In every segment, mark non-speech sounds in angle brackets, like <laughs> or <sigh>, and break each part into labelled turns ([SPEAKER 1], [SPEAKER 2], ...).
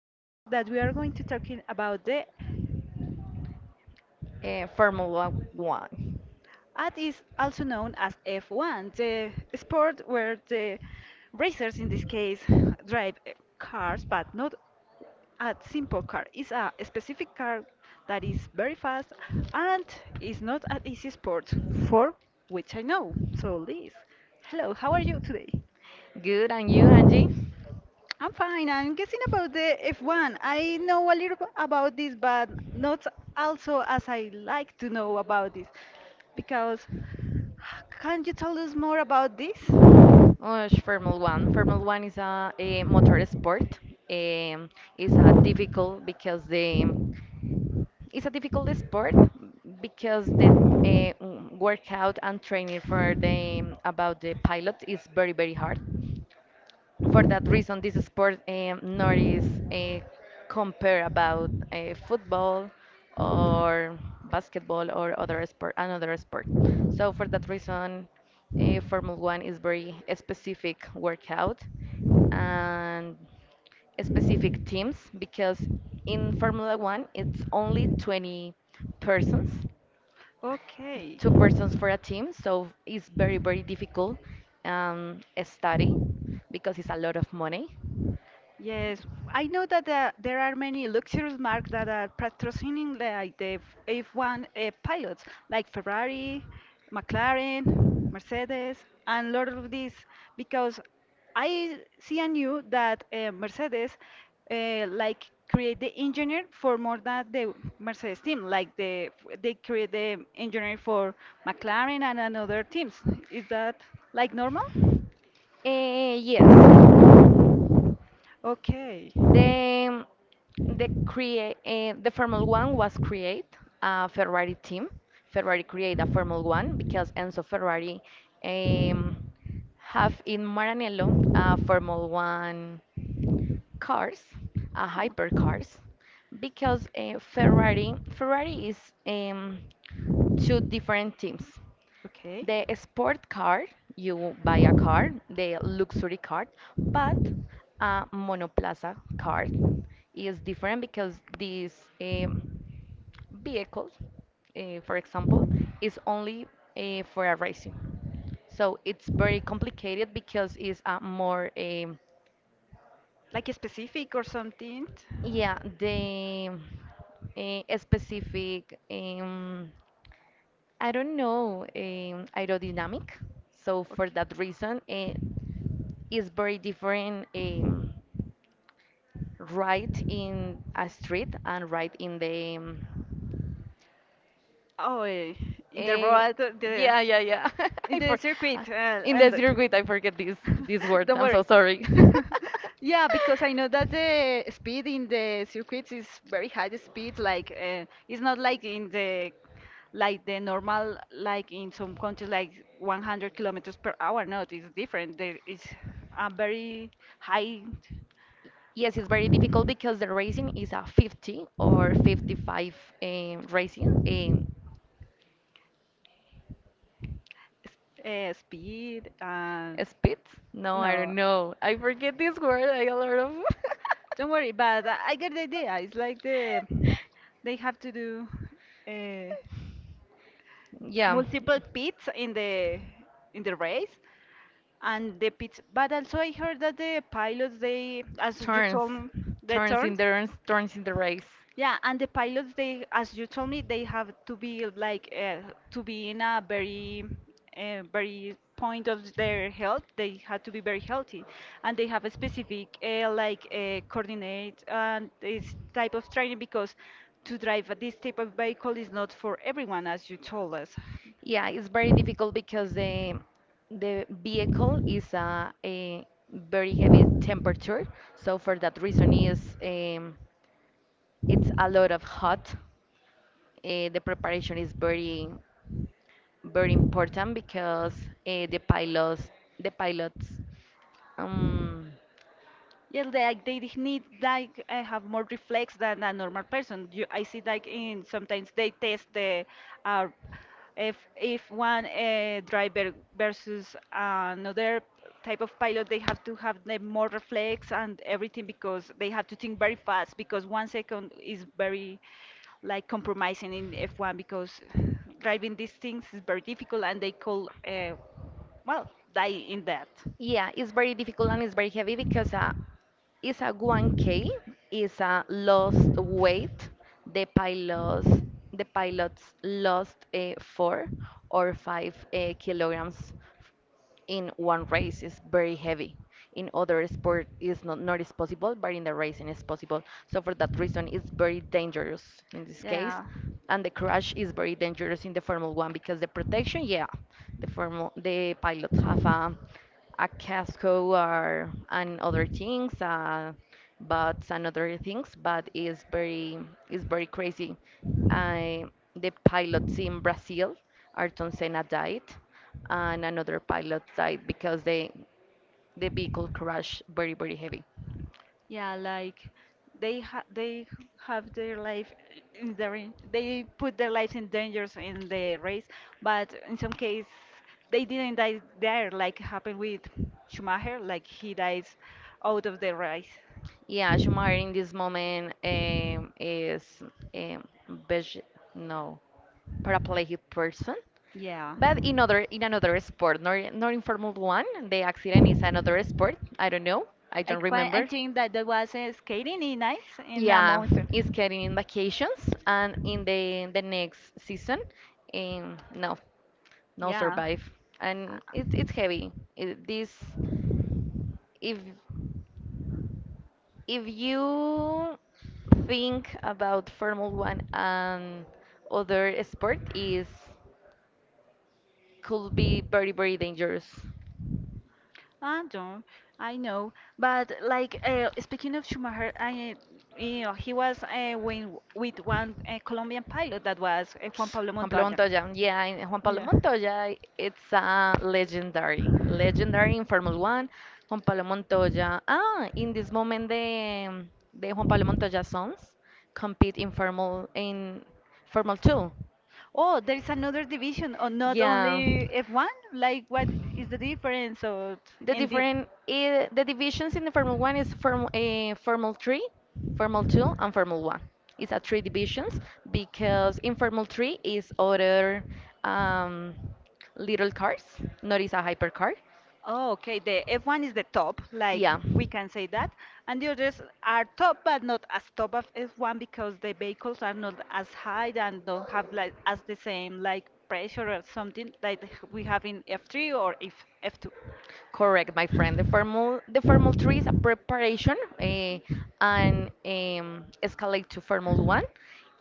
[SPEAKER 1] Angie, that we are going to talking about the
[SPEAKER 2] Formula One.
[SPEAKER 1] that is also known as F1, the sport where the racers in this case <laughs> drive cars, but not a simple car. It's a specific car that is very fast and is not an easy sport for which I know. So Liz, hello, how are you today?
[SPEAKER 2] Good, and you, Angie?
[SPEAKER 1] I'm fine. I'm guessing about the F1. I know a little about this, but not also as I like to know about this. Because can you tell us more about this?
[SPEAKER 2] Oh, Formula One. Formula One is a motor sport. Um, it's a difficult because the it's a difficult sport because the uh, workout and training for the about the pilot is very very hard. For that reason, this sport nor is uh, compare about football or basketball or another sport. So for that reason, Formula One is very specific workout and specific teams because in Formula One it's only 20 persons,
[SPEAKER 1] Okay.
[SPEAKER 2] two persons for a team, so it's very very difficult study because it's a lot of money.
[SPEAKER 1] Yes, I know that there are many luxurious marks that are patrocining like the one pilots, like Ferrari, McLaren, Mercedes, and lot of these, because I see and knew that Mercedes like create the engineer for more than the Mercedes team, like the they create the engineer for McLaren and another teams. Is that like normal?
[SPEAKER 2] Yes,
[SPEAKER 1] Okay.
[SPEAKER 2] the the create the Formula One was create a Ferrari team. Ferrari create a Formula One because Enzo Ferrari um, have in Maranello Formula One cars, hypercars, because Ferrari is um, two different teams.
[SPEAKER 1] Okay.
[SPEAKER 2] The sport car, you buy a car, the luxury car, but a monoplaza car is different because this um, vehicle, for example, is only for a racing. So it's very complicated because it's a more,
[SPEAKER 1] Like a specific or something?
[SPEAKER 2] yeah, the specific, I don't know, aerodynamic. So for
[SPEAKER 1] Okay.
[SPEAKER 2] that reason, is very different right in a street and right in the
[SPEAKER 1] Oh, in the
[SPEAKER 2] eh,
[SPEAKER 1] road, the
[SPEAKER 2] yeah, yeah, yeah, <laughs>
[SPEAKER 1] in
[SPEAKER 2] I
[SPEAKER 1] the
[SPEAKER 2] for uh,
[SPEAKER 1] circuit,
[SPEAKER 2] in the
[SPEAKER 1] and
[SPEAKER 2] circuit I forget this
[SPEAKER 1] <laughs>
[SPEAKER 2] word.
[SPEAKER 1] don't
[SPEAKER 2] I'm so
[SPEAKER 1] worry.
[SPEAKER 2] sorry.
[SPEAKER 1] <laughs> Yeah, because I know that the speed in the circuits is very high speed. Like it's not like in the like the normal like in some countries like 100 kilometers per hour. No, it's different. There is a very high
[SPEAKER 2] <laughs> Yes, it's very difficult because the racing is a 50 or 55 racing,
[SPEAKER 1] s- speed and
[SPEAKER 2] speed. No, I
[SPEAKER 1] no.
[SPEAKER 2] don't know, I forget this
[SPEAKER 1] Don't
[SPEAKER 2] word, I a lot of.
[SPEAKER 1] worry, but I get the idea. It's like the they have to do uh,
[SPEAKER 2] <laughs> Yeah,
[SPEAKER 1] multiple pits in the race, and the pits. But also, I heard that the pilots they, as you
[SPEAKER 2] turns
[SPEAKER 1] told me, they turned.
[SPEAKER 2] turns, turns in the race.
[SPEAKER 1] Yeah, and the pilots, they, as you told me, they have to be like to be in a very, very point of their health. They had to be very healthy, and they have a specific like coordinate and this type of training because to drive this type of vehicle is not for everyone, as you told us.
[SPEAKER 2] Yeah, it's very difficult because the vehicle is a very heavy temperature. So for that reason is it's a lot of hot. The preparation is very very important because uh, the pilots the pilots um
[SPEAKER 1] Yeah, like they need like have more reflex than a normal person. You, I see like in sometimes they test the uh, if one driver versus another type of pilot, they have to have the more reflex and everything because they have to think very fast because 1 second is very like compromising in F1 because driving these things is very difficult and they could well die in that.
[SPEAKER 2] yeah, it's very difficult and it's very heavy because it's a 1K, it's a lost weight. The pilots, the pilots lost four or five kilograms in one race is very heavy. In other sport is not is possible, but in the racing is possible. So for that reason, it's very dangerous in this case,
[SPEAKER 1] Yeah.
[SPEAKER 2] and the crash is very dangerous in the Formula One because the protection, yeah, the pilots have a casco or and other things, but is very crazy. I the pilot, see, in Brazil, Ayrton Senna died, and another pilot died because the vehicle crashed very very heavy.
[SPEAKER 1] Yeah, like they have their life in the They put their lives in dangers in the race, but in some case they didn't die there, like happened with Schumacher, like he dies out of the race.
[SPEAKER 2] Yeah, Schumacher in this moment is, um, veg- no, paraplegic person.
[SPEAKER 1] Yeah.
[SPEAKER 2] But in other in another sport, not in Formula One, the accident is another sport. I don't know. I
[SPEAKER 1] I
[SPEAKER 2] don't
[SPEAKER 1] quite, I
[SPEAKER 2] remember.
[SPEAKER 1] think that that was skating in ice in a
[SPEAKER 2] Yeah,
[SPEAKER 1] mountain.
[SPEAKER 2] it's getting in vacations and in the next season. No, no
[SPEAKER 1] Yeah.
[SPEAKER 2] survive. And it's heavy it, this. If if you think about Formula One and other sport is could be very very dangerous.
[SPEAKER 1] I don't, I know, but like speaking of Schumacher, I, you know, he was with one Colombian pilot that was Juan Pablo
[SPEAKER 2] Juan Pablo
[SPEAKER 1] Montoya.
[SPEAKER 2] Montoya, yeah, and Juan Pablo
[SPEAKER 1] Yeah.
[SPEAKER 2] Montoya, it's a legendary in Formula One. Juan Pablo Montoya, ah, in this moment the Juan Pablo Montoya sons compete in Formula Two.
[SPEAKER 1] Oh, there is another division, or not
[SPEAKER 2] Yeah.
[SPEAKER 1] only F1? Like, what is the difference? Or
[SPEAKER 2] The
[SPEAKER 1] indeed.
[SPEAKER 2] different the divisions in the Formula One is Formula Three, Formula Two, and Formula One. It's a three divisions because in Formula Three is other um, little cars, not is a hypercar.
[SPEAKER 1] Oh, okay. The F1 is the top, like
[SPEAKER 2] Yeah.
[SPEAKER 1] we can say that, and the others are top, but not as top as F1 because the vehicles are not as high and don't have like as the same like pressure or something like we have in F3 or if F2.
[SPEAKER 2] Correct, my friend. The formal three is a preparation and escalate to Formula One,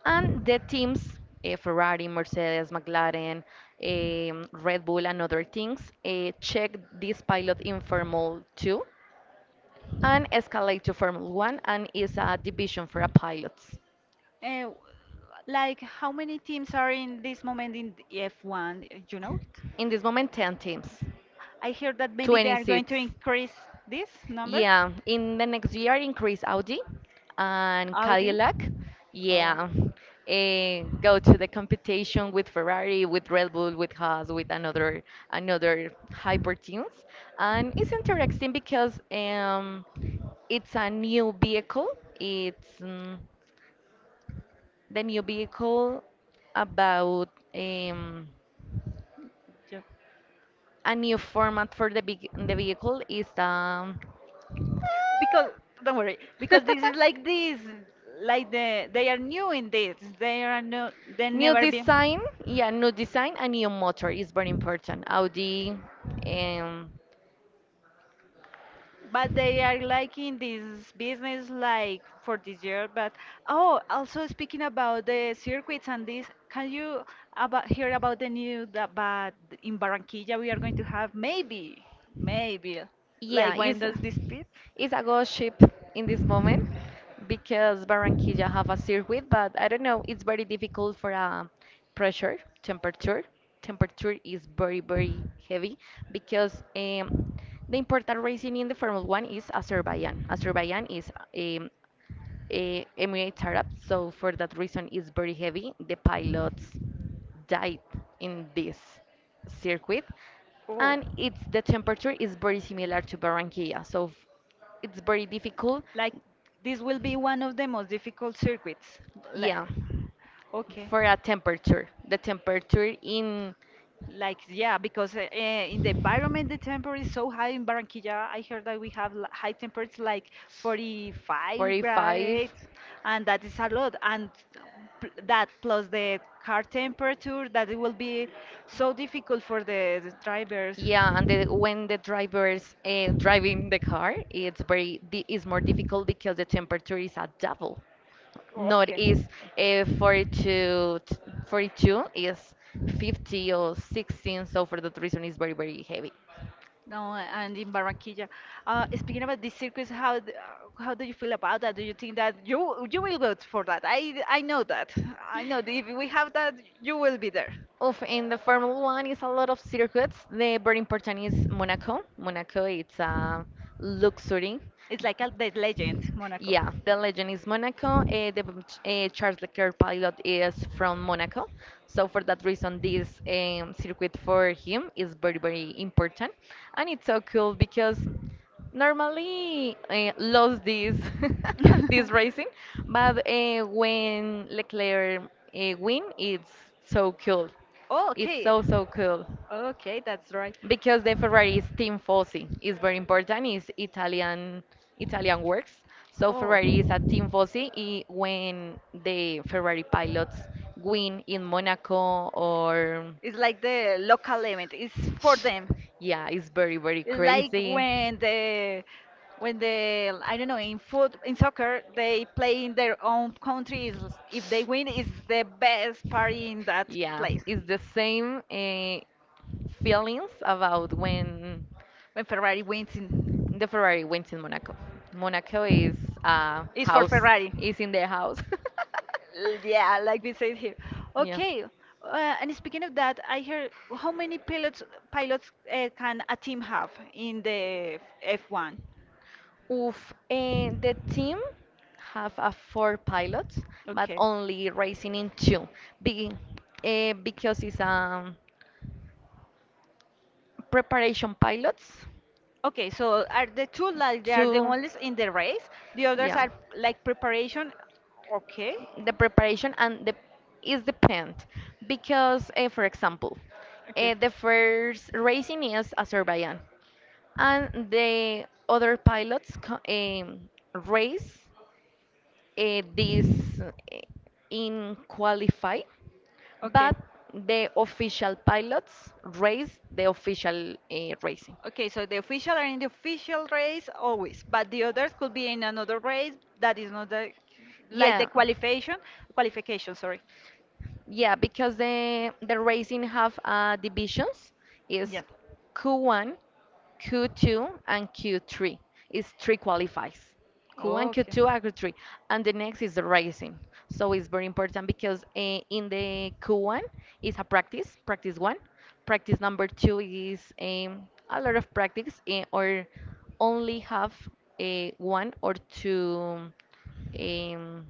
[SPEAKER 2] and the teams Ferrari, Mercedes, McLaren, Red Bull, and other things check this pilot in Formula Two and escalate to Formula One, and is a division for a pilots.
[SPEAKER 1] Uh, like how many teams are in this moment in the F1? You know it?
[SPEAKER 2] In this moment, 10 teams,
[SPEAKER 1] I hear that maybe they
[SPEAKER 2] 20
[SPEAKER 1] are going
[SPEAKER 2] seats.
[SPEAKER 1] to increase this number.
[SPEAKER 2] Yeah, in the next year, increase Audi and
[SPEAKER 1] Audi. Oh.
[SPEAKER 2] Cadillac.
[SPEAKER 1] Yeah.
[SPEAKER 2] Yeah, go to the competition with Ferrari, with Red Bull, with Haas, with another hyper teams, and it's interesting because it's a new vehicle. It's the new vehicle about um, a new format for the big the vehicle is.
[SPEAKER 1] Because don't worry, because this is like this,
[SPEAKER 2] <laughs>
[SPEAKER 1] like the they are new in this. They are no, they
[SPEAKER 2] New
[SPEAKER 1] never be.
[SPEAKER 2] design, yeah, new design and new motor is very important. Audi, um,
[SPEAKER 1] But they are like in this business like for this year. But oh, also speaking about the circuits and this, can you about hear about the new that but in Barranquilla we are going to have maybe, maybe like
[SPEAKER 2] yeah,
[SPEAKER 1] when
[SPEAKER 2] is
[SPEAKER 1] does this pit?
[SPEAKER 2] is a good ship in this moment because Barranquilla have a circuit, but I don't know, it's very difficult for a pressure, temperature. Temperature is very very heavy because the important racing in the Formula One is Azerbaijan. Azerbaijan is uh, Emirates Arab. So for that reason, it's very heavy. The pilots died in this circuit,
[SPEAKER 1] Oh,
[SPEAKER 2] and it's the temperature is very similar to Barranquilla. It's very difficult.
[SPEAKER 1] like this will be one of the most difficult circuits.
[SPEAKER 2] Yeah,
[SPEAKER 1] Like, okay.
[SPEAKER 2] for a temperature, the temperature in
[SPEAKER 1] Like, yeah, because in the environment, the temperature is so high in Barranquilla. I heard that we have high temperatures like 45
[SPEAKER 2] 45.
[SPEAKER 1] grades, and that is a lot. And that plus the car temperature, that it will be so difficult for the drivers.
[SPEAKER 2] Yeah, and when the driver's driving the car, it's it's more difficult because the temperature is at double. Not
[SPEAKER 1] Okay.
[SPEAKER 2] is 42, 42 is 50 or 16, so for that reason it's very very heavy.
[SPEAKER 1] No, and in Barranquilla. Speaking about these circus, how do you feel about that? Do you think that you will vote for that? I know that. I know that if we have that, you will be there.
[SPEAKER 2] Oof, in the Formula One is a lot of circuits. The very important is Monaco. Monaco it's a luxury.
[SPEAKER 1] It's like a, the legend, Monaco.
[SPEAKER 2] Yeah, the legend is Monaco. The Charles Leclerc pilot is from Monaco, so for that reason, this circuit for him is very, very important, and it's so cool because normally lost this <laughs> this racing, but when Leclerc win, it's so cool.
[SPEAKER 1] <laughs> Oh,
[SPEAKER 2] It's
[SPEAKER 1] okay.
[SPEAKER 2] so so cool.
[SPEAKER 1] Okay, that's right.
[SPEAKER 2] Because the Ferrari is Team Fossi, it's very important. It's Italian works. So
[SPEAKER 1] Oh.
[SPEAKER 2] Ferrari is a Team Fossi. When the Ferrari pilots win in Monaco or
[SPEAKER 1] It's like the local event. It's for them.
[SPEAKER 2] yeah, it's very very
[SPEAKER 1] It's like
[SPEAKER 2] crazy.
[SPEAKER 1] when the I don't know in foot in soccer they play in their own countries. If they win, it's the best party in that
[SPEAKER 2] Yeah,
[SPEAKER 1] place.
[SPEAKER 2] it's the same feelings about when
[SPEAKER 1] When Ferrari wins in.
[SPEAKER 2] the Ferrari went in Monaco. Monaco is
[SPEAKER 1] It's for
[SPEAKER 2] house
[SPEAKER 1] Ferrari.
[SPEAKER 2] is in the house. <laughs>
[SPEAKER 1] Yeah, like we said here.
[SPEAKER 2] Yeah.
[SPEAKER 1] Okay. And speaking of that, I heard how many pilots can a team have in the F1?
[SPEAKER 2] Oof. And the team have a four pilots, but
[SPEAKER 1] Okay.
[SPEAKER 2] only racing in two. Be, because it's preparation pilots.
[SPEAKER 1] Okay, so are the two like they are the
[SPEAKER 2] Two.
[SPEAKER 1] ones in the race? The others
[SPEAKER 2] Yeah.
[SPEAKER 1] are like preparation. Okay.
[SPEAKER 2] The preparation and the is depend because for example
[SPEAKER 1] Okay.
[SPEAKER 2] the first racing is Azerbaijan and the other pilots race this uh, in qualify
[SPEAKER 1] Okay.
[SPEAKER 2] but the official pilots race the official racing,
[SPEAKER 1] Okay, so the official are in the official race always, but the others could be in another race that is not the, like the
[SPEAKER 2] yeah.
[SPEAKER 1] qualification, qualification, sorry.
[SPEAKER 2] Yeah, because the racing have divisions is
[SPEAKER 1] Yes.
[SPEAKER 2] Q1, Q2, and Q3. It's three qualifies.
[SPEAKER 1] Oh,
[SPEAKER 2] Q1,
[SPEAKER 1] okay.
[SPEAKER 2] Q2, and Q3, and the next is the racing. So it's very important because in the Q1 is a practice, practice one. Practice number two is a lot of practice, or only have a one or two. Um,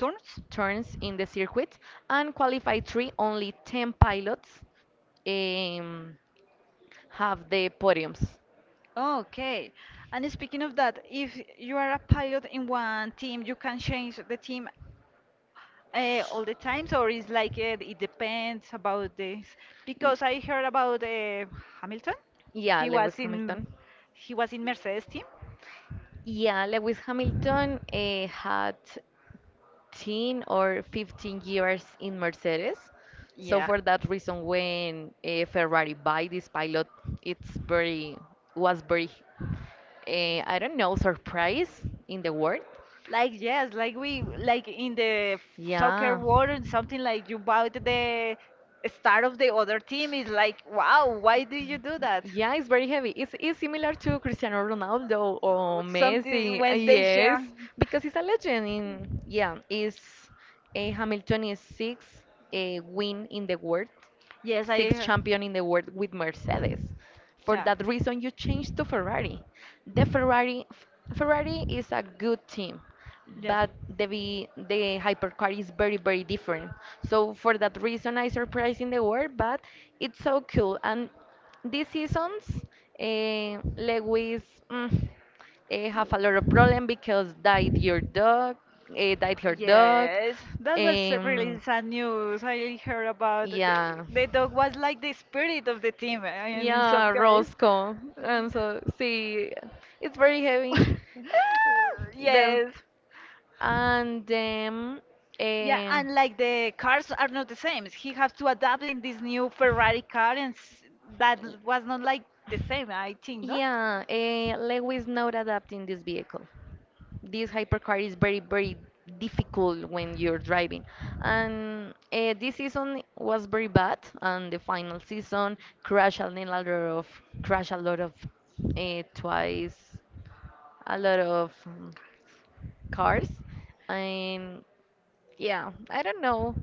[SPEAKER 1] Turns?
[SPEAKER 2] Turns in the circuit and qualify three, only 10 pilots um, have the podiums.
[SPEAKER 1] Okay. And speaking of that, if you are a pilot in one team, you can change the team all the times, or is like it depends about this. Because I heard about Hamilton.
[SPEAKER 2] Yeah,
[SPEAKER 1] He was
[SPEAKER 2] Lewis
[SPEAKER 1] in
[SPEAKER 2] Hamilton.
[SPEAKER 1] he was in Mercedes team.
[SPEAKER 2] Yeah, Lewis Hamilton had 10 or 15 years in Mercedes. So
[SPEAKER 1] Yeah.
[SPEAKER 2] for that reason, when Ferrari buy this pilot, it's very was very I don't know surprise in the world.
[SPEAKER 1] Like yes, like we like in the soccer
[SPEAKER 2] Yeah.
[SPEAKER 1] world and something like you bought the star of the other team is like wow, why do you do that?
[SPEAKER 2] Yeah, it's very heavy. It's similar to Cristiano Ronaldo or
[SPEAKER 1] Or Something
[SPEAKER 2] Messi.
[SPEAKER 1] when they
[SPEAKER 2] Yes,
[SPEAKER 1] share.
[SPEAKER 2] because he's a legend. Is Hamilton is sixth win in the world,
[SPEAKER 1] Yes, I
[SPEAKER 2] six
[SPEAKER 1] hear.
[SPEAKER 2] champion in the world with Mercedes. For
[SPEAKER 1] Yeah.
[SPEAKER 2] that reason, you changed to Ferrari. The Ferrari, F- Ferrari is a good team,
[SPEAKER 1] Yes.
[SPEAKER 2] but the hypercar is very very different. So for that reason, I surprised in the world, but it's so cool. And these seasons, Lewis mm, have a lot of problem because died your dog, died her dog,
[SPEAKER 1] Yes, that was really
[SPEAKER 2] um,
[SPEAKER 1] sad news. I heard about
[SPEAKER 2] yeah.
[SPEAKER 1] the dog was like the spirit of the team, and in
[SPEAKER 2] Yeah,
[SPEAKER 1] some case,
[SPEAKER 2] Roscoe. And so, see, it's very heavy. Ah,
[SPEAKER 1] <laughs>
[SPEAKER 2] there.
[SPEAKER 1] yes,
[SPEAKER 2] And then,
[SPEAKER 1] yeah, and like
[SPEAKER 2] y-
[SPEAKER 1] the cars are not the same. He has to adapt in this new Ferrari car, and that was not like the same. I think, no?
[SPEAKER 2] yeah, Lewis not adapting this vehicle. This hypercar is very very difficult when you're driving, and this season was very bad and the final season crashed a lot of crashed a lot of twice a lot of cars, and yeah, I don't know.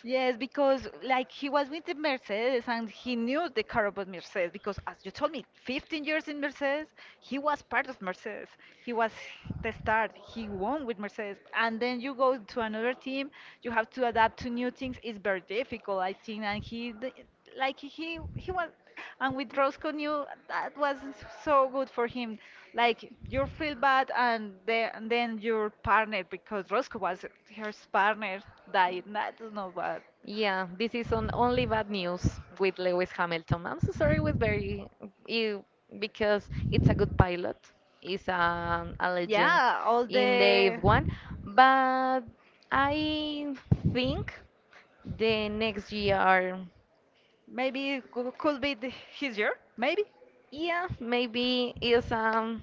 [SPEAKER 1] Yes, because like he was with the Mercedes and he knew the car about Mercedes because as you told me, 15 years in Mercedes, he was part of Mercedes. He was the start. He won with Mercedes. And then you go to another team, you have to adapt to new things. It's very difficult, I think. And he d- like he was and with Roscoe knew that was so good for him, like you feel bad and then your partner because Roscoe was her partner died, that's not bad.
[SPEAKER 2] Yeah, this is on only bad news with Lewis Hamilton. I'm so sorry with Barry you, because it's a good pilot, it's a legend
[SPEAKER 1] Yeah, all
[SPEAKER 2] in the
[SPEAKER 1] the
[SPEAKER 2] F1, but I think the next year,
[SPEAKER 1] maybe it could be the, his year maybe,
[SPEAKER 2] yeah, maybe is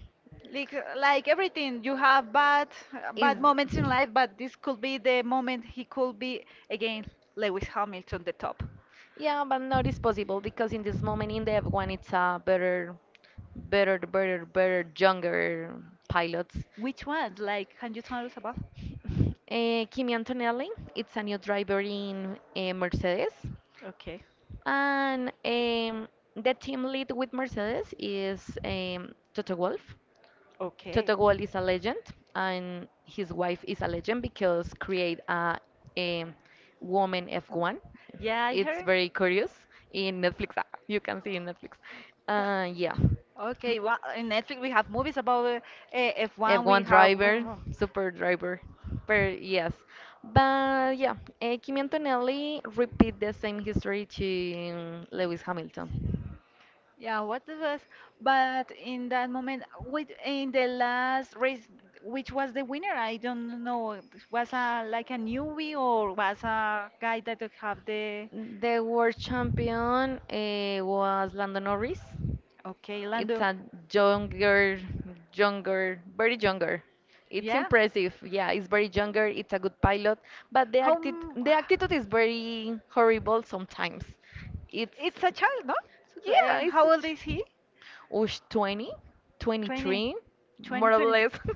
[SPEAKER 1] like everything you have bad
[SPEAKER 2] is.
[SPEAKER 1] bad moments in life but this could be the moment he could be again Lewis Hamilton the top.
[SPEAKER 2] Yeah, but not is possible because in this moment in the F1 it's a better, younger pilots.
[SPEAKER 1] Which one, like can you tell us about?
[SPEAKER 2] <laughs> Kimi Antonelli, it's a new driver in Mercedes,
[SPEAKER 1] Okay.
[SPEAKER 2] and the team lead with Mercedes is Toto Wolff.
[SPEAKER 1] Okay,
[SPEAKER 2] Totogol is a legend, and his wife is a legend because create a woman F1.
[SPEAKER 1] yeah, I
[SPEAKER 2] It's
[SPEAKER 1] heard.
[SPEAKER 2] very curious in Netflix. You can see in Netflix. Yeah,
[SPEAKER 1] Okay, well, in Netflix we have movies about F1 we
[SPEAKER 2] F1
[SPEAKER 1] have.
[SPEAKER 2] driver, super driver. But yes, but yeah, Kimi Antonelli repeat the same history to Lewis Hamilton.
[SPEAKER 1] Yeah, what the was? But in that moment, with in the last race, which was the winner? I don't know. Was a like a newbie or was a guy that have the?
[SPEAKER 2] The world champion was Lando Norris.
[SPEAKER 1] Okay,
[SPEAKER 2] It's
[SPEAKER 1] Lando.
[SPEAKER 2] a younger, younger, very younger. It's
[SPEAKER 1] Yeah.
[SPEAKER 2] impressive. Yeah, it's very younger. It's a good pilot, but
[SPEAKER 1] How?
[SPEAKER 2] the attitude is very horrible sometimes. It's
[SPEAKER 1] It's a child, no?
[SPEAKER 2] yeah,
[SPEAKER 1] How old
[SPEAKER 2] it's
[SPEAKER 1] is he?
[SPEAKER 2] 20,
[SPEAKER 1] 20.
[SPEAKER 2] 23,
[SPEAKER 1] 20,
[SPEAKER 2] more or
[SPEAKER 1] 22.
[SPEAKER 2] less. <laughs>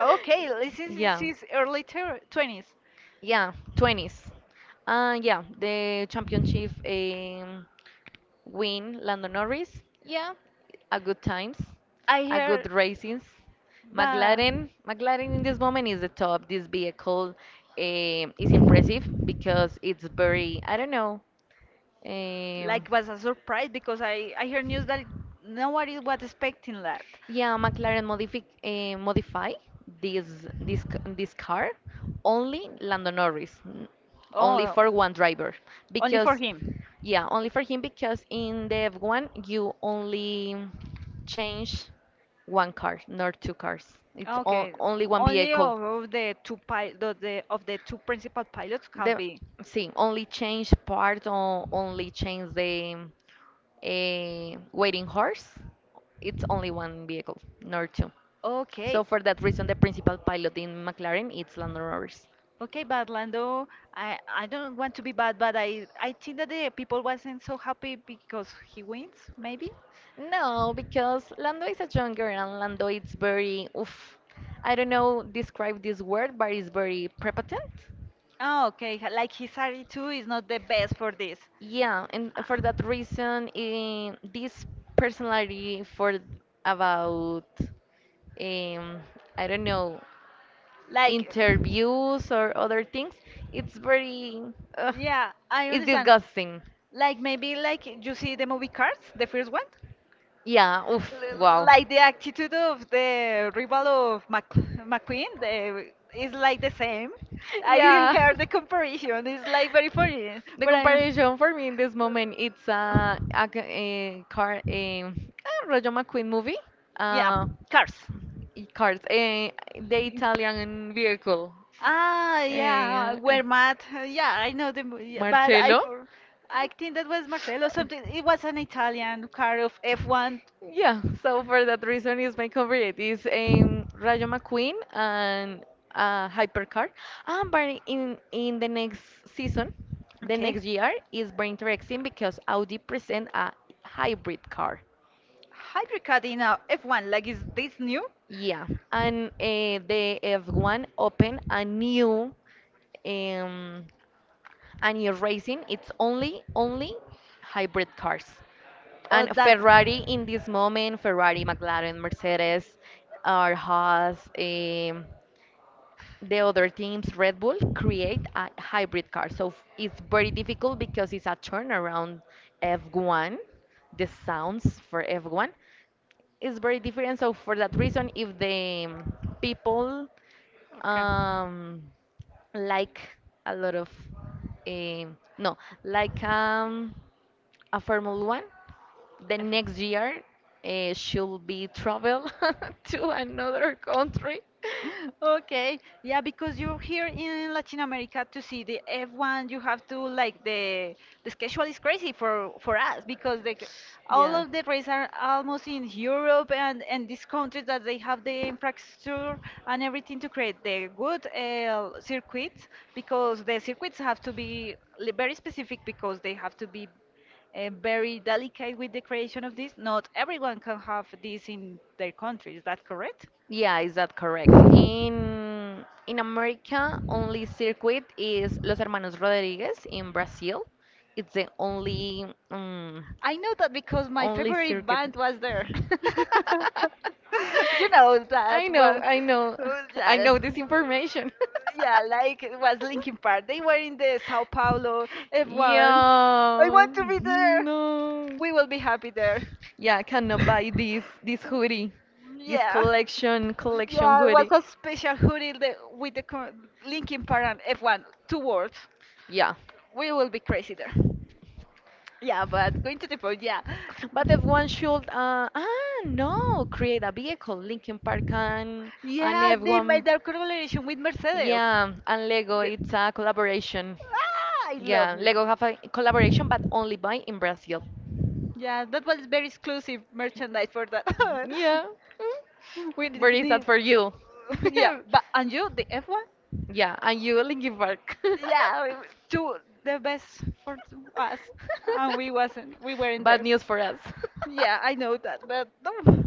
[SPEAKER 1] Okay, this is
[SPEAKER 2] Yeah.
[SPEAKER 1] his early 20s.
[SPEAKER 2] Yeah, 20s. Yeah, the championship win, Lando Norris. Yeah, a good times,
[SPEAKER 1] I
[SPEAKER 2] a good
[SPEAKER 1] heard.
[SPEAKER 2] racings.
[SPEAKER 1] Bah.
[SPEAKER 2] McLaren, McLaren in this moment is the top. This vehicle is impressive because it's very, I don't know, um,
[SPEAKER 1] Like was a surprise because I heard news that nobody was expecting that.
[SPEAKER 2] yeah, McLaren modify this this car only Lando Norris, only
[SPEAKER 1] Oh,
[SPEAKER 2] for one driver
[SPEAKER 1] only for
[SPEAKER 2] because
[SPEAKER 1] him.
[SPEAKER 2] yeah, only for him because in the F1 you only change one car, not two cars. It's
[SPEAKER 1] Okay,
[SPEAKER 2] only one
[SPEAKER 1] only
[SPEAKER 2] vehicle.
[SPEAKER 1] of the two pi the of the two principal pilots can
[SPEAKER 2] The
[SPEAKER 1] be.
[SPEAKER 2] see, only change part or only change the waiting horse. It's only one vehicle, not two.
[SPEAKER 1] Okay.
[SPEAKER 2] So for that reason, the principal pilot in McLaren is Lando Norris.
[SPEAKER 1] Okay, but Lando, I don't want to be bad, but I think that the people wasn't so happy because he wins, maybe.
[SPEAKER 2] No, because Lando is a young girl and Lando is very, oof, I don't know, describe this word, but it's very prepotent.
[SPEAKER 1] Oh, okay. Like his attitude is not the best for this.
[SPEAKER 2] Yeah, and
[SPEAKER 1] Ah.
[SPEAKER 2] for that reason, this personality for about, um, I don't know,
[SPEAKER 1] Like,
[SPEAKER 2] interviews or other things, it's very, uh,
[SPEAKER 1] yeah, I
[SPEAKER 2] it's
[SPEAKER 1] understand.
[SPEAKER 2] disgusting.
[SPEAKER 1] Like maybe like you see the movie Cars, the first one.
[SPEAKER 2] Yeah, oof, wow.
[SPEAKER 1] Like the attitude of the rival of McQueen the, is like the same. I
[SPEAKER 2] Yeah.
[SPEAKER 1] heard the comparison. It's like very funny,
[SPEAKER 2] The <laughs>
[SPEAKER 1] but I'm.
[SPEAKER 2] comparison for me in this moment, it's a car, a Roger McQueen movie.
[SPEAKER 1] Yeah,
[SPEAKER 2] Uh,
[SPEAKER 1] cars.
[SPEAKER 2] cars, the Italian vehicle.
[SPEAKER 1] Ah, yeah,
[SPEAKER 2] Eh, uh,
[SPEAKER 1] were mad. Yeah, I know the movie, but
[SPEAKER 2] Marcello.
[SPEAKER 1] I think that was Marcelo something. It was an Italian car of F1.
[SPEAKER 2] Yeah, so for that reason is my favorite. It's Rayo McQueen and Hypercar. But in the next season, the
[SPEAKER 1] Okay.
[SPEAKER 2] next year is very interesting because Audi present a hybrid car.
[SPEAKER 1] Hybrid car in a F1, like is this new
[SPEAKER 2] Yeah, and the F1 open um a new racing. It's only hybrid cars.
[SPEAKER 1] or
[SPEAKER 2] And
[SPEAKER 1] that?
[SPEAKER 2] Ferrari in this moment, Ferrari, McLaren, Mercedes, or Haas, the other teams, Red Bull, create a hybrid car. So it's very difficult because it's a turnaround F1. The sounds for F1 is very different. So for that reason, if the people, um, like a lot of, no, like, a Formula One the
[SPEAKER 1] F1.
[SPEAKER 2] next year should be travel <laughs> to
[SPEAKER 1] <laughs>
[SPEAKER 2] another country.
[SPEAKER 1] Okay, yeah, because you're here in Latin America to see the F1, you have to like the schedule is crazy for us because like all
[SPEAKER 2] Yeah.
[SPEAKER 1] of the races are almost in Europe and these countries that they have the infrastructure and everything to create the good circuits because the circuits have to be very specific because they have to be very delicate with the creation of this. Not everyone can have this in their country. Is that correct?
[SPEAKER 2] Yeah, is that correct? In America, only circuit is Los Hermanos Rodriguez in Brazil. It's the only. Um,
[SPEAKER 1] I know that because my
[SPEAKER 2] only
[SPEAKER 1] favorite
[SPEAKER 2] circuit.
[SPEAKER 1] band was there. <laughs>
[SPEAKER 2] <laughs>
[SPEAKER 1] you know that well.
[SPEAKER 2] I know, <laughs> I
[SPEAKER 1] Yeah.
[SPEAKER 2] know this information. <laughs>
[SPEAKER 1] Yeah, like it was Linkin Park. They were in the Sao Paulo F1. I
[SPEAKER 2] Yeah,
[SPEAKER 1] want to be there.
[SPEAKER 2] no.
[SPEAKER 1] We will be happy there.
[SPEAKER 2] Yeah, I
[SPEAKER 1] <laughs>
[SPEAKER 2] cannot buy this hoodie, this
[SPEAKER 1] Yeah.
[SPEAKER 2] collection
[SPEAKER 1] Yeah, it was
[SPEAKER 2] hoodie.
[SPEAKER 1] a special hoodie the, with the Linkin Park and F1, two words.
[SPEAKER 2] Yeah,
[SPEAKER 1] We will be crazy there. Yeah, but going to the point, yeah.
[SPEAKER 2] but if one should, no, create a vehicle, Linkin Park and
[SPEAKER 1] Yeah, they made
[SPEAKER 2] everyone.
[SPEAKER 1] that collaboration with Mercedes.
[SPEAKER 2] Yeah, and Lego,
[SPEAKER 1] The-
[SPEAKER 2] it's a collaboration.
[SPEAKER 1] I love
[SPEAKER 2] Yeah,
[SPEAKER 1] it.
[SPEAKER 2] Lego have a collaboration, but only by in Brazil.
[SPEAKER 1] Yeah, that was very exclusive merchandise for that.
[SPEAKER 2] Yeah, mm,
[SPEAKER 1] <laughs> we did,
[SPEAKER 2] very sad
[SPEAKER 1] did-
[SPEAKER 2] for you.
[SPEAKER 1] yeah,
[SPEAKER 2] <laughs>
[SPEAKER 1] but and you, the F1?
[SPEAKER 2] Yeah, and you, Linkin Park.
[SPEAKER 1] Yeah, we- do the best for us, and we wasn't. We
[SPEAKER 2] <laughs>
[SPEAKER 1] weren't
[SPEAKER 2] Bad
[SPEAKER 1] there.
[SPEAKER 2] news for us. <laughs>
[SPEAKER 1] Yeah, I know that, but <laughs> no.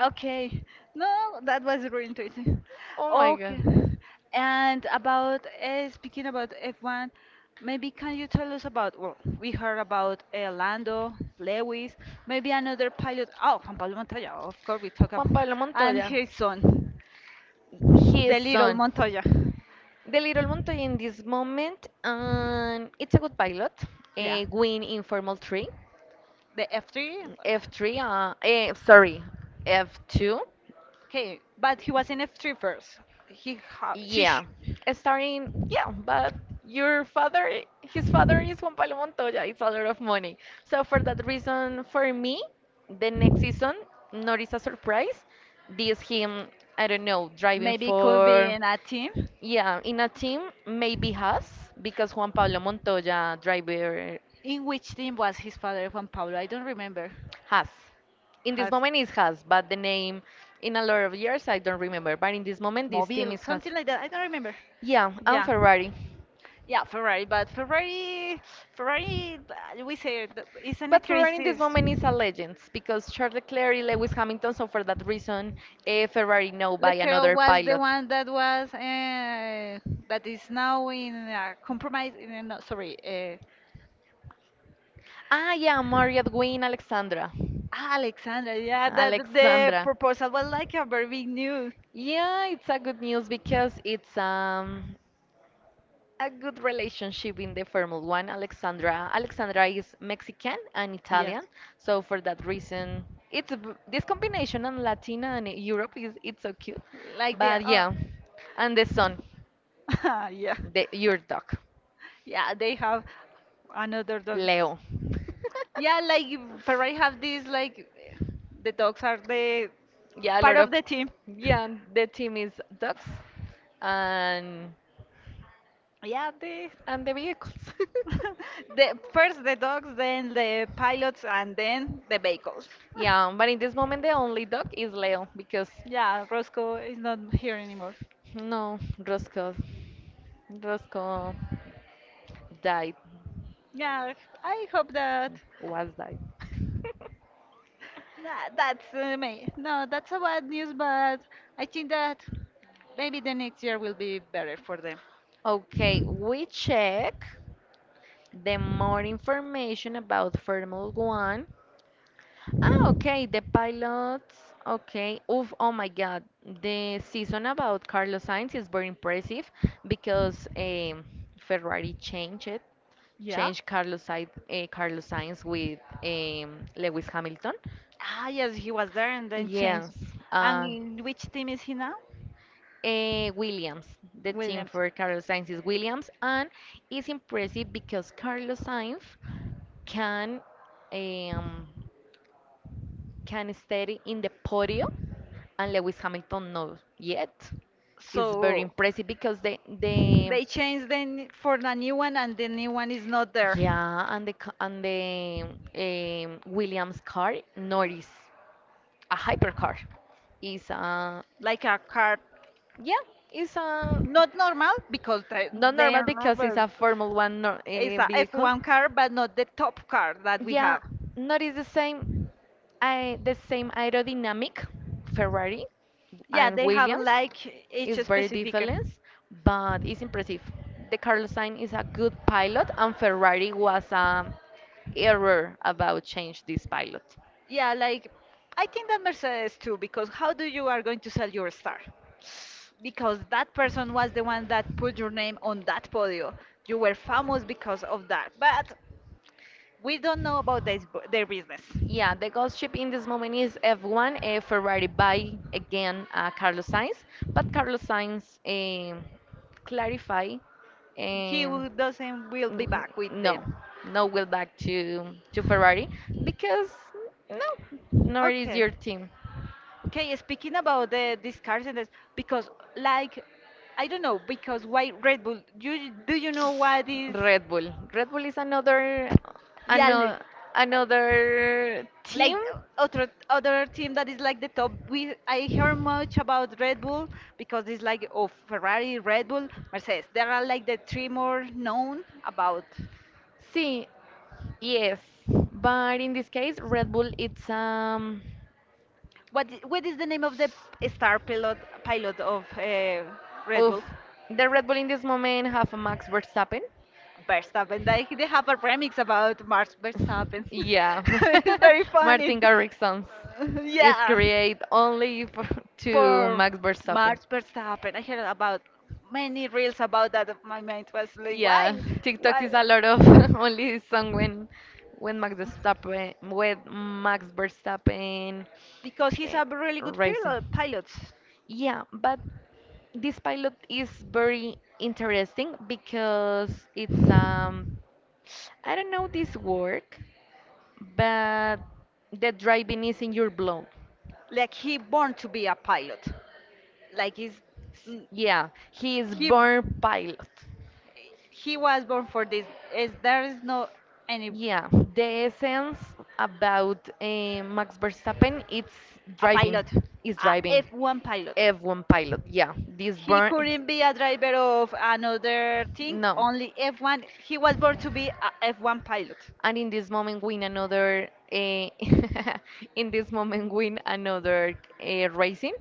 [SPEAKER 1] Okay. No, that was really interesting.
[SPEAKER 2] Oh my
[SPEAKER 1] Okay.
[SPEAKER 2] God.
[SPEAKER 1] And about speaking about F1, maybe can you tell us about, well, we heard about Lando, Lewis, maybe another pilot. Oh, Juan Pablo Montoya, of course we talk
[SPEAKER 2] Juan
[SPEAKER 1] about,
[SPEAKER 2] Pablo
[SPEAKER 1] and
[SPEAKER 2] Montoya.
[SPEAKER 1] his son,
[SPEAKER 2] His
[SPEAKER 1] the little
[SPEAKER 2] son.
[SPEAKER 1] Montoya.
[SPEAKER 2] The Little Montoya in this moment, it's a good pilot.
[SPEAKER 1] Yeah.
[SPEAKER 2] A win in informal three,
[SPEAKER 1] The F3?
[SPEAKER 2] F3, sorry, F2.
[SPEAKER 1] Okay, but he was in F3 first. He ha she
[SPEAKER 2] Yeah,
[SPEAKER 1] sh
[SPEAKER 2] starting, yeah, but his father is Juan Pablo Montoya. It's a lot of money. So for that reason, for me, the next season, not is a surprise. This him, I don't know, driving
[SPEAKER 1] Maybe it could be
[SPEAKER 2] for,
[SPEAKER 1] in a team.
[SPEAKER 2] yeah, in a team, maybe has, because Juan Pablo Montoya, driver
[SPEAKER 1] In which team was his father, Juan Pablo? I don't remember.
[SPEAKER 2] Has. In this
[SPEAKER 1] Has
[SPEAKER 2] moment is Has, but the name in a lot of years I don't remember. But in this moment this team
[SPEAKER 1] Mobile,
[SPEAKER 2] is Has.
[SPEAKER 1] something like that. I don't remember.
[SPEAKER 2] Yeah, and
[SPEAKER 1] Yeah.
[SPEAKER 2] Ferrari.
[SPEAKER 1] Yeah, Ferrari, but Ferrari, we say it, it's an
[SPEAKER 2] But Ferrari in this
[SPEAKER 1] crisis.
[SPEAKER 2] moment is a legend because Charles Leclerc, Lewis Hamilton, so for that reason, Ferrari now by
[SPEAKER 1] Lecturer
[SPEAKER 2] another
[SPEAKER 1] was the
[SPEAKER 2] pilot.
[SPEAKER 1] one that was that is now in a compromise. In no, sorry,
[SPEAKER 2] Ah, yeah, Marriott Wynne Alexandra.
[SPEAKER 1] Alexandra. Yeah, that the
[SPEAKER 2] Alexandra.
[SPEAKER 1] proposal was like a very big news.
[SPEAKER 2] Yeah, it's a good news because it's a good relationship in the Formula One. Alexandra is Mexican and
[SPEAKER 1] Yeah.
[SPEAKER 2] Italian, so for that reason, it's this combination and Latina and Europe is it's so cute.
[SPEAKER 1] Like the
[SPEAKER 2] But
[SPEAKER 1] oh.
[SPEAKER 2] yeah, and the son,
[SPEAKER 1] <laughs> yeah.
[SPEAKER 2] the your dog,
[SPEAKER 1] Yeah, they have another dog.
[SPEAKER 2] Leo.
[SPEAKER 1] Yeah,
[SPEAKER 2] <laughs>
[SPEAKER 1] like Ferrari have this like the dogs are the
[SPEAKER 2] Yeah, a
[SPEAKER 1] part
[SPEAKER 2] lot of
[SPEAKER 1] of the team.
[SPEAKER 2] yeah. The team is dogs, and
[SPEAKER 1] Yeah, the
[SPEAKER 2] and the vehicles.
[SPEAKER 1] <laughs>
[SPEAKER 2] <laughs>
[SPEAKER 1] the first the dogs, then the pilots, and then the vehicles. <laughs>
[SPEAKER 2] Yeah, but in this moment the only dog is Leo because
[SPEAKER 1] Yeah, Roscoe is not here anymore.
[SPEAKER 2] no, Roscoe. Roscoe died,
[SPEAKER 1] Yeah, I hope that,
[SPEAKER 2] was died. <laughs>
[SPEAKER 1] that that's me. No, that's a bad news, but I think that maybe the next year will be better for them.
[SPEAKER 2] Okay, we check the more information about Formula One. Ah, okay, the pilots. Okay, oof, oh my God, the season about Carlos Sainz is very impressive because Ferrari changed it.
[SPEAKER 1] Yeah.
[SPEAKER 2] Change Carlos, Sainz, Carlos Sainz with Lewis Hamilton.
[SPEAKER 1] Ah, yes, he was there and then changed.
[SPEAKER 2] Yes,
[SPEAKER 1] And
[SPEAKER 2] uh,
[SPEAKER 1] in which team is he now?
[SPEAKER 2] Williams. The team
[SPEAKER 1] Williams.
[SPEAKER 2] for Carlos Sainz is Williams, and it's impressive because Carlos Sainz can, um, can stay in the podium, and Lewis Hamilton not yet. It's very
[SPEAKER 1] So
[SPEAKER 2] impressive because the
[SPEAKER 1] they changed then for the new one, and the new one is not there.
[SPEAKER 2] Yeah, and and the Williams car, Norris, a hypercar, is a
[SPEAKER 1] Like a car,
[SPEAKER 2] yeah, it's a
[SPEAKER 1] not normal because
[SPEAKER 2] not
[SPEAKER 1] they
[SPEAKER 2] normal
[SPEAKER 1] are
[SPEAKER 2] because it's
[SPEAKER 1] not.
[SPEAKER 2] a Formula One
[SPEAKER 1] It's a
[SPEAKER 2] vehicle.
[SPEAKER 1] F1 car, but not the top car that we
[SPEAKER 2] Yeah,
[SPEAKER 1] have.
[SPEAKER 2] not is the same. I, the same aerodynamic Ferrari
[SPEAKER 1] Yeah,
[SPEAKER 2] and
[SPEAKER 1] they have
[SPEAKER 2] Williams
[SPEAKER 1] like each
[SPEAKER 2] is very
[SPEAKER 1] specific.
[SPEAKER 2] different, but it's impressive. The Carlos Sainz is a good pilot, and Ferrari was a error about change this pilot.
[SPEAKER 1] Yeah, like I think that Mercedes too, because how do you are going to sell your star? Because that person was the one that put your name on that podium. You were famous because of that. But we don't know about this, their business.
[SPEAKER 2] Yeah, the ghost ship in this moment is F1 Ferrari by again Carlos Sainz, but Carlos Sainz clarify um,
[SPEAKER 1] Doesn't will be
[SPEAKER 2] n-
[SPEAKER 1] back with
[SPEAKER 2] no,
[SPEAKER 1] them.
[SPEAKER 2] no will back to Ferrari because no, nor is
[SPEAKER 1] Okay.
[SPEAKER 2] your team.
[SPEAKER 1] Okay, speaking about the these cars and this, because like I don't know because why Red Bull? Do you know what is?
[SPEAKER 2] Red Bull. Red Bull is another
[SPEAKER 1] Yeah, look.
[SPEAKER 2] another another
[SPEAKER 1] Like
[SPEAKER 2] team
[SPEAKER 1] other team that is like the top. We I hear much about Red Bull because it's like of Ferrari, Red Bull, Mercedes. There are like the three more known about
[SPEAKER 2] See, yes, but in this case, Red Bull, it's
[SPEAKER 1] what what is the name of the star pilot pilot of Red
[SPEAKER 2] oof,
[SPEAKER 1] Bull.
[SPEAKER 2] the Red Bull in this moment have a Max Verstappen.
[SPEAKER 1] Verstappen. Like they have a remix about Max Verstappen.
[SPEAKER 2] <laughs> Yeah,
[SPEAKER 1] <laughs> It's very
[SPEAKER 2] <laughs>
[SPEAKER 1] funny.
[SPEAKER 2] Martin Garrix songs
[SPEAKER 1] <laughs>
[SPEAKER 2] is
[SPEAKER 1] yeah.
[SPEAKER 2] created only for, to
[SPEAKER 1] For
[SPEAKER 2] Max Verstappen.
[SPEAKER 1] Max Verstappen, I heard about many reels about that. My mind was like,
[SPEAKER 2] Yeah,
[SPEAKER 1] why,
[SPEAKER 2] TikTok
[SPEAKER 1] why?
[SPEAKER 2] is a lot
[SPEAKER 1] <laughs>
[SPEAKER 2] of <laughs> only this song when Max Verstappen with Max Verstappen
[SPEAKER 1] Because he's
[SPEAKER 2] eh,
[SPEAKER 1] a really good
[SPEAKER 2] racing.
[SPEAKER 1] pilot. Pilot,
[SPEAKER 2] Yeah, but this pilot is very interesting because it's I don't know this work, but the driving is in your blood.
[SPEAKER 1] like he born to be a pilot. Like he's, mm,
[SPEAKER 2] Yeah, he is
[SPEAKER 1] he.
[SPEAKER 2] born pilot.
[SPEAKER 1] He was born for this. Is there is no any
[SPEAKER 2] Yeah, the essence about Max Verstappen, it's
[SPEAKER 1] a
[SPEAKER 2] driving,
[SPEAKER 1] pilot,
[SPEAKER 2] is
[SPEAKER 1] a
[SPEAKER 2] driving.
[SPEAKER 1] F1 pilot.
[SPEAKER 2] F1 pilot, yeah. This
[SPEAKER 1] He
[SPEAKER 2] burn,
[SPEAKER 1] couldn't be a driver of another thing,
[SPEAKER 2] no.
[SPEAKER 1] only F1. He was born to be a F1 pilot.
[SPEAKER 2] And in this moment win another <laughs> in this moment win another racing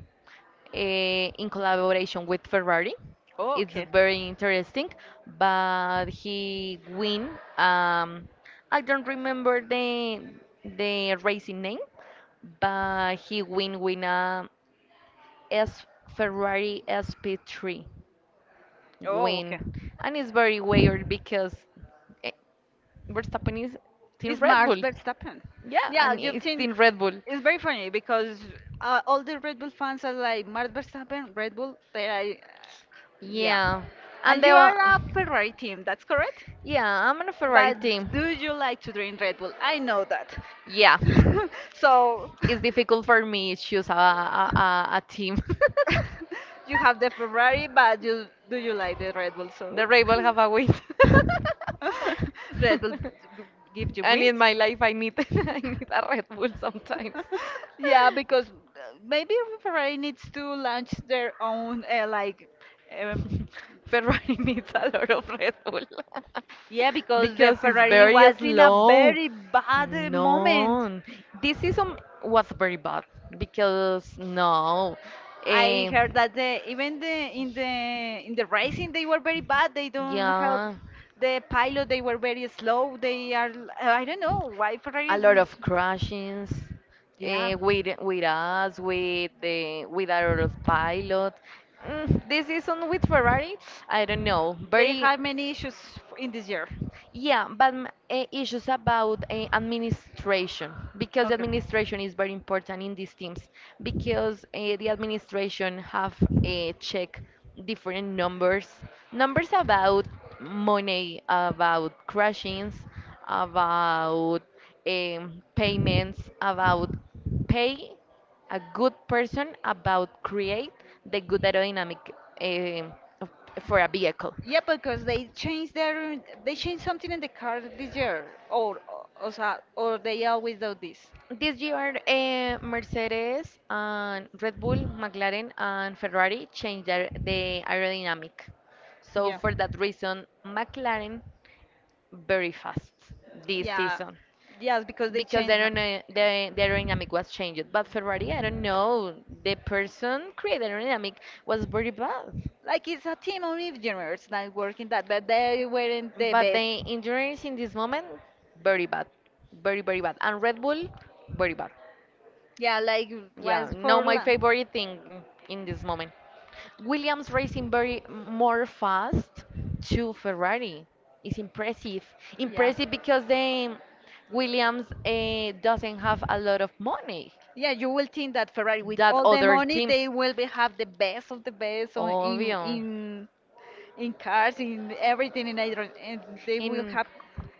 [SPEAKER 2] in collaboration with Ferrari.
[SPEAKER 1] Oh,
[SPEAKER 2] It's
[SPEAKER 1] okay.
[SPEAKER 2] very interesting, but he win. Um, I don't remember the racing name, but he win win a S Ferrari SP3
[SPEAKER 1] Oh, okay.
[SPEAKER 2] win, and it's very weird because eh, Verstappen is Team
[SPEAKER 1] It's
[SPEAKER 2] Red
[SPEAKER 1] Max
[SPEAKER 2] Bull.
[SPEAKER 1] Verstappen.
[SPEAKER 2] Yeah,
[SPEAKER 1] Yeah,
[SPEAKER 2] and
[SPEAKER 1] you've
[SPEAKER 2] it's
[SPEAKER 1] seen.
[SPEAKER 2] Team Red Bull.
[SPEAKER 1] It's very funny because all the Red Bull fans are like Max Verstappen, Red Bull. They are, yeah.
[SPEAKER 2] Yeah, and
[SPEAKER 1] And
[SPEAKER 2] they
[SPEAKER 1] you
[SPEAKER 2] were.
[SPEAKER 1] are a Ferrari team. That's correct.
[SPEAKER 2] Yeah, I'm on a Ferrari
[SPEAKER 1] But
[SPEAKER 2] team.
[SPEAKER 1] do you like to drink Red Bull? I know that.
[SPEAKER 2] Yeah,
[SPEAKER 1] <laughs> so <laughs>
[SPEAKER 2] it's difficult for me to choose a team.
[SPEAKER 1] you have the Ferrari, but you do you like the Red Bull?
[SPEAKER 2] <laughs>
[SPEAKER 1] So
[SPEAKER 2] the Red Bull have a win.
[SPEAKER 1] <laughs> Red Bull g- give
[SPEAKER 2] <laughs>
[SPEAKER 1] you
[SPEAKER 2] And
[SPEAKER 1] win.
[SPEAKER 2] in my life, I need <laughs> I need a Red Bull sometimes.
[SPEAKER 1] <laughs> Yeah, because maybe Ferrari needs to launch their own like um,
[SPEAKER 2] <laughs> <laughs> Ferrari needs a lot of Red Bull
[SPEAKER 1] yeah,
[SPEAKER 2] <laughs>
[SPEAKER 1] because the
[SPEAKER 2] because it's
[SPEAKER 1] Ferrari
[SPEAKER 2] very
[SPEAKER 1] was in a
[SPEAKER 2] slow.
[SPEAKER 1] very bad moment.
[SPEAKER 2] No, this season was very bad because no,
[SPEAKER 1] I
[SPEAKER 2] eh,
[SPEAKER 1] heard that the, even the in the in the racing they were very bad. They don't help
[SPEAKER 2] yeah
[SPEAKER 1] the pilot. They were very slow. They are I don't know why Ferrari
[SPEAKER 2] a
[SPEAKER 1] is
[SPEAKER 2] lot
[SPEAKER 1] is-
[SPEAKER 2] of crashings
[SPEAKER 1] yeah.
[SPEAKER 2] with us, with the with our autopilot. Mm, this season with Ferrari, I don't know.
[SPEAKER 1] They
[SPEAKER 2] Very.
[SPEAKER 1] have many issues in this year.
[SPEAKER 2] Yeah, but issues about administration because the
[SPEAKER 1] Okay.
[SPEAKER 2] administration is very important in these teams because the administration have check different numbers, numbers about money, about crashings, about payments, about pay a good person about create the good aerodynamic eh, of- for a vehicle.
[SPEAKER 1] Yeah, because they changed something in the car this year, or, or they always do this.
[SPEAKER 2] This year, Mercedes and Red Bull, McLaren and Ferrari changed their, the aerodynamic. So
[SPEAKER 1] Yeah.
[SPEAKER 2] for that reason, McLaren very fast this
[SPEAKER 1] Yeah.
[SPEAKER 2] season
[SPEAKER 1] Yes, because they
[SPEAKER 2] because the,
[SPEAKER 1] changed. The.
[SPEAKER 2] the aerodynamic was changed. But Ferrari, I don't know, the person created aerodynamic was very bad.
[SPEAKER 1] Like it's a team of engineers that work in that, but they weren't the
[SPEAKER 2] But
[SPEAKER 1] best.
[SPEAKER 2] the engineers in this moment, very bad. Very, very bad. And Red Bull, very bad.
[SPEAKER 1] Yeah, like
[SPEAKER 2] Yeah,
[SPEAKER 1] was
[SPEAKER 2] no,
[SPEAKER 1] for
[SPEAKER 2] my
[SPEAKER 1] la-
[SPEAKER 2] favorite thing in this moment. Williams racing very more fast to Ferrari. It's impressive.
[SPEAKER 1] yeah.
[SPEAKER 2] Impressive because then Williams doesn't have a lot of money
[SPEAKER 1] Yeah, you will think that Ferrari with
[SPEAKER 2] that
[SPEAKER 1] all the
[SPEAKER 2] other
[SPEAKER 1] money
[SPEAKER 2] teams.
[SPEAKER 1] they will be have the best of the best on, in
[SPEAKER 2] Obvio.
[SPEAKER 1] in in cars, in everything in hydrogen, and they will
[SPEAKER 2] In
[SPEAKER 1] have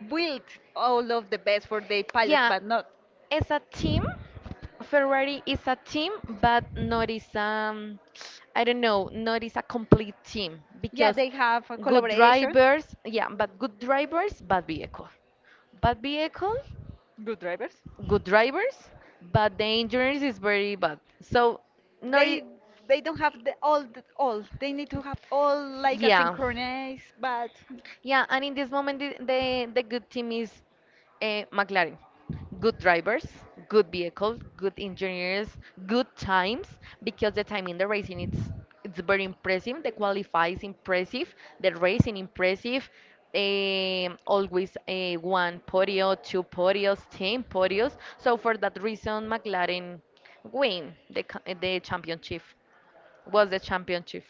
[SPEAKER 1] built all of the best for their pilots,
[SPEAKER 2] yeah,
[SPEAKER 1] but not.
[SPEAKER 2] as a team, Ferrari is a team, but not is I don't know, not is a complete team
[SPEAKER 1] Yeah,
[SPEAKER 2] because
[SPEAKER 1] they have a
[SPEAKER 2] good
[SPEAKER 1] collaboration.
[SPEAKER 2] drivers, yeah, but good drivers, bad vehicle,
[SPEAKER 1] Good drivers.
[SPEAKER 2] good drivers, but the engineers is very bad. So not,
[SPEAKER 1] They don't have the all the, all. They need to have all like a
[SPEAKER 2] yeah.
[SPEAKER 1] synchronized, but
[SPEAKER 2] Yeah, and in this moment, the good team is McLaren. Good drivers, good vehicle, good engineers, good times. Because the time in the racing, it's very impressive. The qualify is impressive. The racing impressive. Always a one podium, two podiums, ten podiums. So for that reason, McLaren win the championship. Was the championship?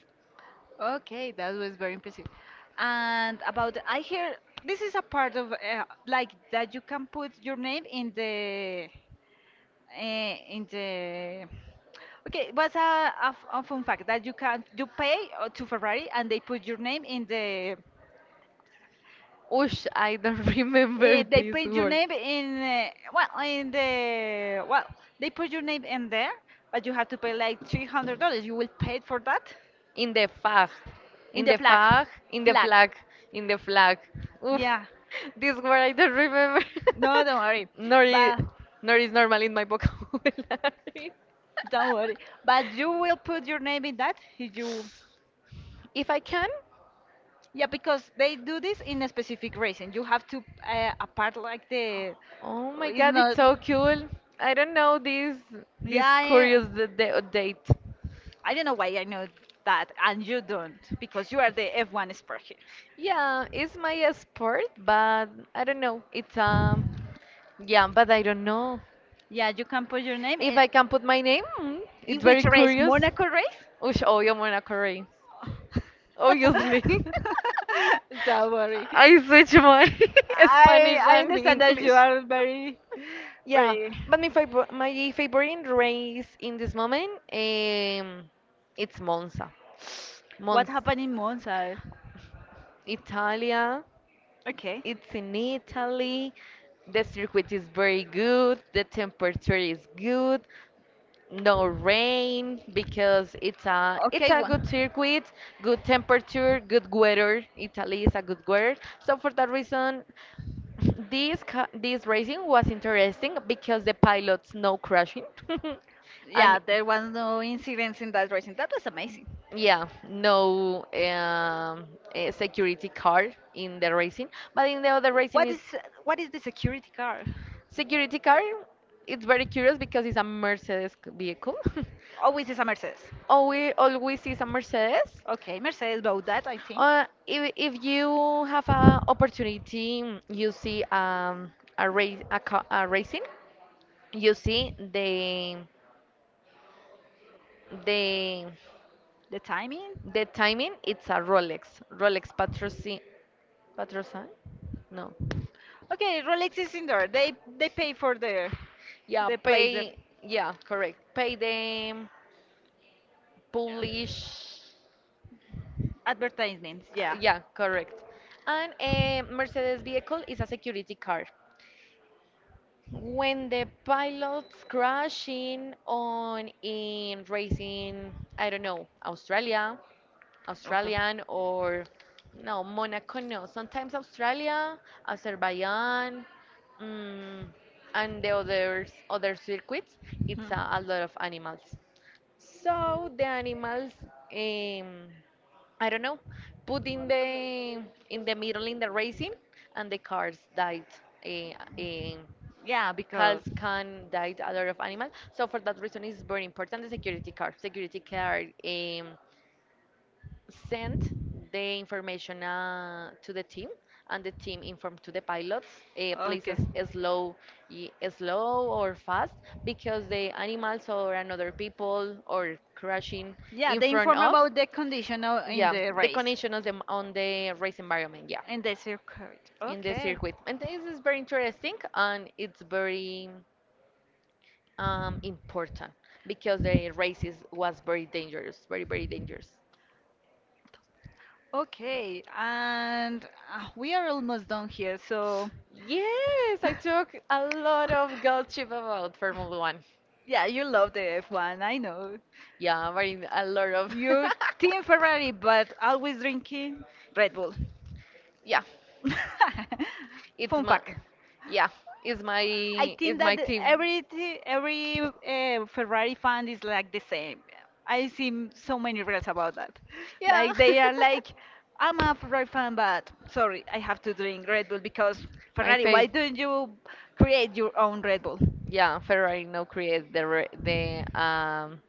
[SPEAKER 1] okay, that was very impressive. And about, I hear this is a part of like that you can put your name in the in the okay what's a, a fun fact that you can you pay to Ferrari and they put your name in the <laughs>
[SPEAKER 2] Ush, I don't <laughs> remember
[SPEAKER 1] They
[SPEAKER 2] this
[SPEAKER 1] put your
[SPEAKER 2] word.
[SPEAKER 1] name in well in the well they put your name in there but you have to pay like $300 you will pay for that
[SPEAKER 2] In the fag.
[SPEAKER 1] in
[SPEAKER 2] In
[SPEAKER 1] the
[SPEAKER 2] the
[SPEAKER 1] flag
[SPEAKER 2] fag. In the
[SPEAKER 1] flag
[SPEAKER 2] flag. In the flag. Oof.
[SPEAKER 1] yeah
[SPEAKER 2] This word I don't remember.
[SPEAKER 1] no don't worry
[SPEAKER 2] <laughs> Nor is,
[SPEAKER 1] but
[SPEAKER 2] nor is normal in my vocabulary. <laughs>
[SPEAKER 1] don't worry but you will put your name in that if you.
[SPEAKER 2] If I can?
[SPEAKER 1] Yeah, because they do this in a specific reason. You have to apart like the
[SPEAKER 2] Oh my
[SPEAKER 1] it's
[SPEAKER 2] god, it's
[SPEAKER 1] not.
[SPEAKER 2] so cool. I don't know this
[SPEAKER 1] Yeah,
[SPEAKER 2] this curious date.
[SPEAKER 1] I don't know why I know that and you don't because you are the F1 expert here.
[SPEAKER 2] Yeah, it's my sport, but I don't know. It's yeah, but I don't know
[SPEAKER 1] Yeah, you can put your name.
[SPEAKER 2] if I can put my name. Mm,
[SPEAKER 1] In
[SPEAKER 2] it's very
[SPEAKER 1] which race?
[SPEAKER 2] curious.
[SPEAKER 1] Monaco race?
[SPEAKER 2] Ush, oh, yo, Mona Correa, obviously. <laughs>
[SPEAKER 1] <laughs> Don't worry.
[SPEAKER 2] I switch my <laughs>
[SPEAKER 1] I
[SPEAKER 2] Spanish
[SPEAKER 1] I
[SPEAKER 2] and
[SPEAKER 1] understand that you
[SPEAKER 2] English. <laughs>
[SPEAKER 1] are very
[SPEAKER 2] Yeah,
[SPEAKER 1] very.
[SPEAKER 2] but my favorite race in this moment, it's Monza.
[SPEAKER 1] What
[SPEAKER 2] Monza.
[SPEAKER 1] happened in Monza?
[SPEAKER 2] Italia.
[SPEAKER 1] Okay.
[SPEAKER 2] It's in Italy. The circuit is very good. The temperature is good. No rain because it's
[SPEAKER 1] Okay,
[SPEAKER 2] a
[SPEAKER 1] one.
[SPEAKER 2] good circuit, good temperature, good weather. Italy is a good weather. So for that reason, <laughs> this this racing was interesting because the pilots no crashing, <laughs>
[SPEAKER 1] Yeah,
[SPEAKER 2] and
[SPEAKER 1] there was no incidents in that racing. That was amazing.
[SPEAKER 2] yeah, no security car in the racing, but in the other racing
[SPEAKER 1] What is
[SPEAKER 2] it's
[SPEAKER 1] what is the security car?
[SPEAKER 2] security car, it's very curious because it's a Mercedes vehicle. <laughs>
[SPEAKER 1] Always is a Mercedes.
[SPEAKER 2] always always is a Mercedes.
[SPEAKER 1] Okay, Mercedes bought that, I think.
[SPEAKER 2] If you have an opportunity, you see a race a racing, you see the
[SPEAKER 1] The timing?
[SPEAKER 2] the timing. It's a Rolex Rolex patrocin patrocin. No,
[SPEAKER 1] Okay, Rolex is in there. They pay for the
[SPEAKER 2] yeah, pay yeah correct. Pay the Polish.
[SPEAKER 1] advertisements. Yeah.
[SPEAKER 2] Yeah, correct. And a Mercedes vehicle is a security car. When the pilots crashing on in racing, I don't know, Australia, Australian or no, Monaco, no. Sometimes Australia, Azerbaijan, mm, and the others other circuits, it's a lot of animals. So the animals, um, I don't know, put in the middle in the racing, and the cars died. Uh, um,
[SPEAKER 1] Yeah,
[SPEAKER 2] cars
[SPEAKER 1] and
[SPEAKER 2] can died a lot of animals. So for that reason, it's very important the security car. Security car. Send the information to the team and the team inform to the pilots
[SPEAKER 1] okay.
[SPEAKER 2] places slow slow or fast because the animals or another people or crashing
[SPEAKER 1] Yeah,
[SPEAKER 2] in
[SPEAKER 1] they
[SPEAKER 2] front
[SPEAKER 1] inform
[SPEAKER 2] of
[SPEAKER 1] about the condition in
[SPEAKER 2] yeah
[SPEAKER 1] the
[SPEAKER 2] the
[SPEAKER 1] race,
[SPEAKER 2] condition of them on the race environment yeah
[SPEAKER 1] in the circuit.
[SPEAKER 2] in the
[SPEAKER 1] Okay.
[SPEAKER 2] circuit and this is very interesting and it's very important because the race is, was very dangerous very very dangerous.
[SPEAKER 1] Okay, and we are almost done here, so
[SPEAKER 2] Yes, I took a lot of gold chip about Formula One.
[SPEAKER 1] yeah, you love the F1, I know.
[SPEAKER 2] Yeah, but in a lot of.
[SPEAKER 1] You're Team
[SPEAKER 2] <laughs>
[SPEAKER 1] Ferrari, but always drinking Red Bull.
[SPEAKER 2] Yeah,
[SPEAKER 1] <laughs>
[SPEAKER 2] it's
[SPEAKER 1] Fun
[SPEAKER 2] my.
[SPEAKER 1] fact.
[SPEAKER 2] Yeah, it's my.
[SPEAKER 1] I think
[SPEAKER 2] It's
[SPEAKER 1] that
[SPEAKER 2] my team.
[SPEAKER 1] every Ferrari fan is like the same. I see so many reels about that.
[SPEAKER 2] Yeah.
[SPEAKER 1] Like
[SPEAKER 2] <laughs>
[SPEAKER 1] they are like, I'm a Ferrari fan, but sorry, I have to drink Red Bull because
[SPEAKER 2] My
[SPEAKER 1] Ferrari. Why
[SPEAKER 2] fav.
[SPEAKER 1] don't you create your own Red Bull?
[SPEAKER 2] Yeah, Ferrari no create the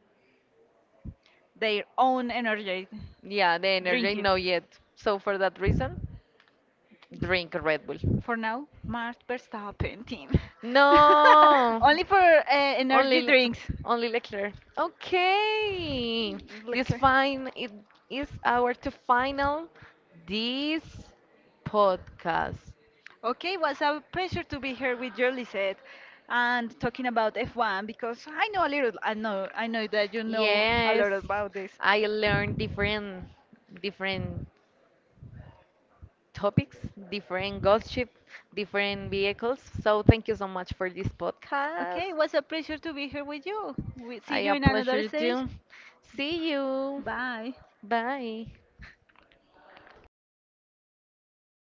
[SPEAKER 1] Their own energy
[SPEAKER 2] yeah the energy
[SPEAKER 1] drinking.
[SPEAKER 2] no yet. So for that reason,
[SPEAKER 1] <laughs>
[SPEAKER 2] drink Red Bull.
[SPEAKER 1] For now, Max Verstappen team. <laughs>
[SPEAKER 2] No.
[SPEAKER 1] Only for
[SPEAKER 2] Only,
[SPEAKER 1] energy drinks.
[SPEAKER 2] only Leclerc. Okay. This
[SPEAKER 1] Like-
[SPEAKER 2] fine it is our to final this podcast.
[SPEAKER 1] okay, it was a pleasure to be here with you, Lisette, and talking about F1 because I know a little. I know that you know a
[SPEAKER 2] Yes,
[SPEAKER 1] lot. Yes, about this.
[SPEAKER 2] I learned different different topics, different gossip, different vehicles. So thank you so much for this podcast.
[SPEAKER 1] Okay, it was a pleasure to be here with you. We see
[SPEAKER 2] I
[SPEAKER 1] you
[SPEAKER 2] a
[SPEAKER 1] in another
[SPEAKER 2] pleasure
[SPEAKER 1] stage.
[SPEAKER 2] to see you.
[SPEAKER 1] Bye.
[SPEAKER 2] Bye.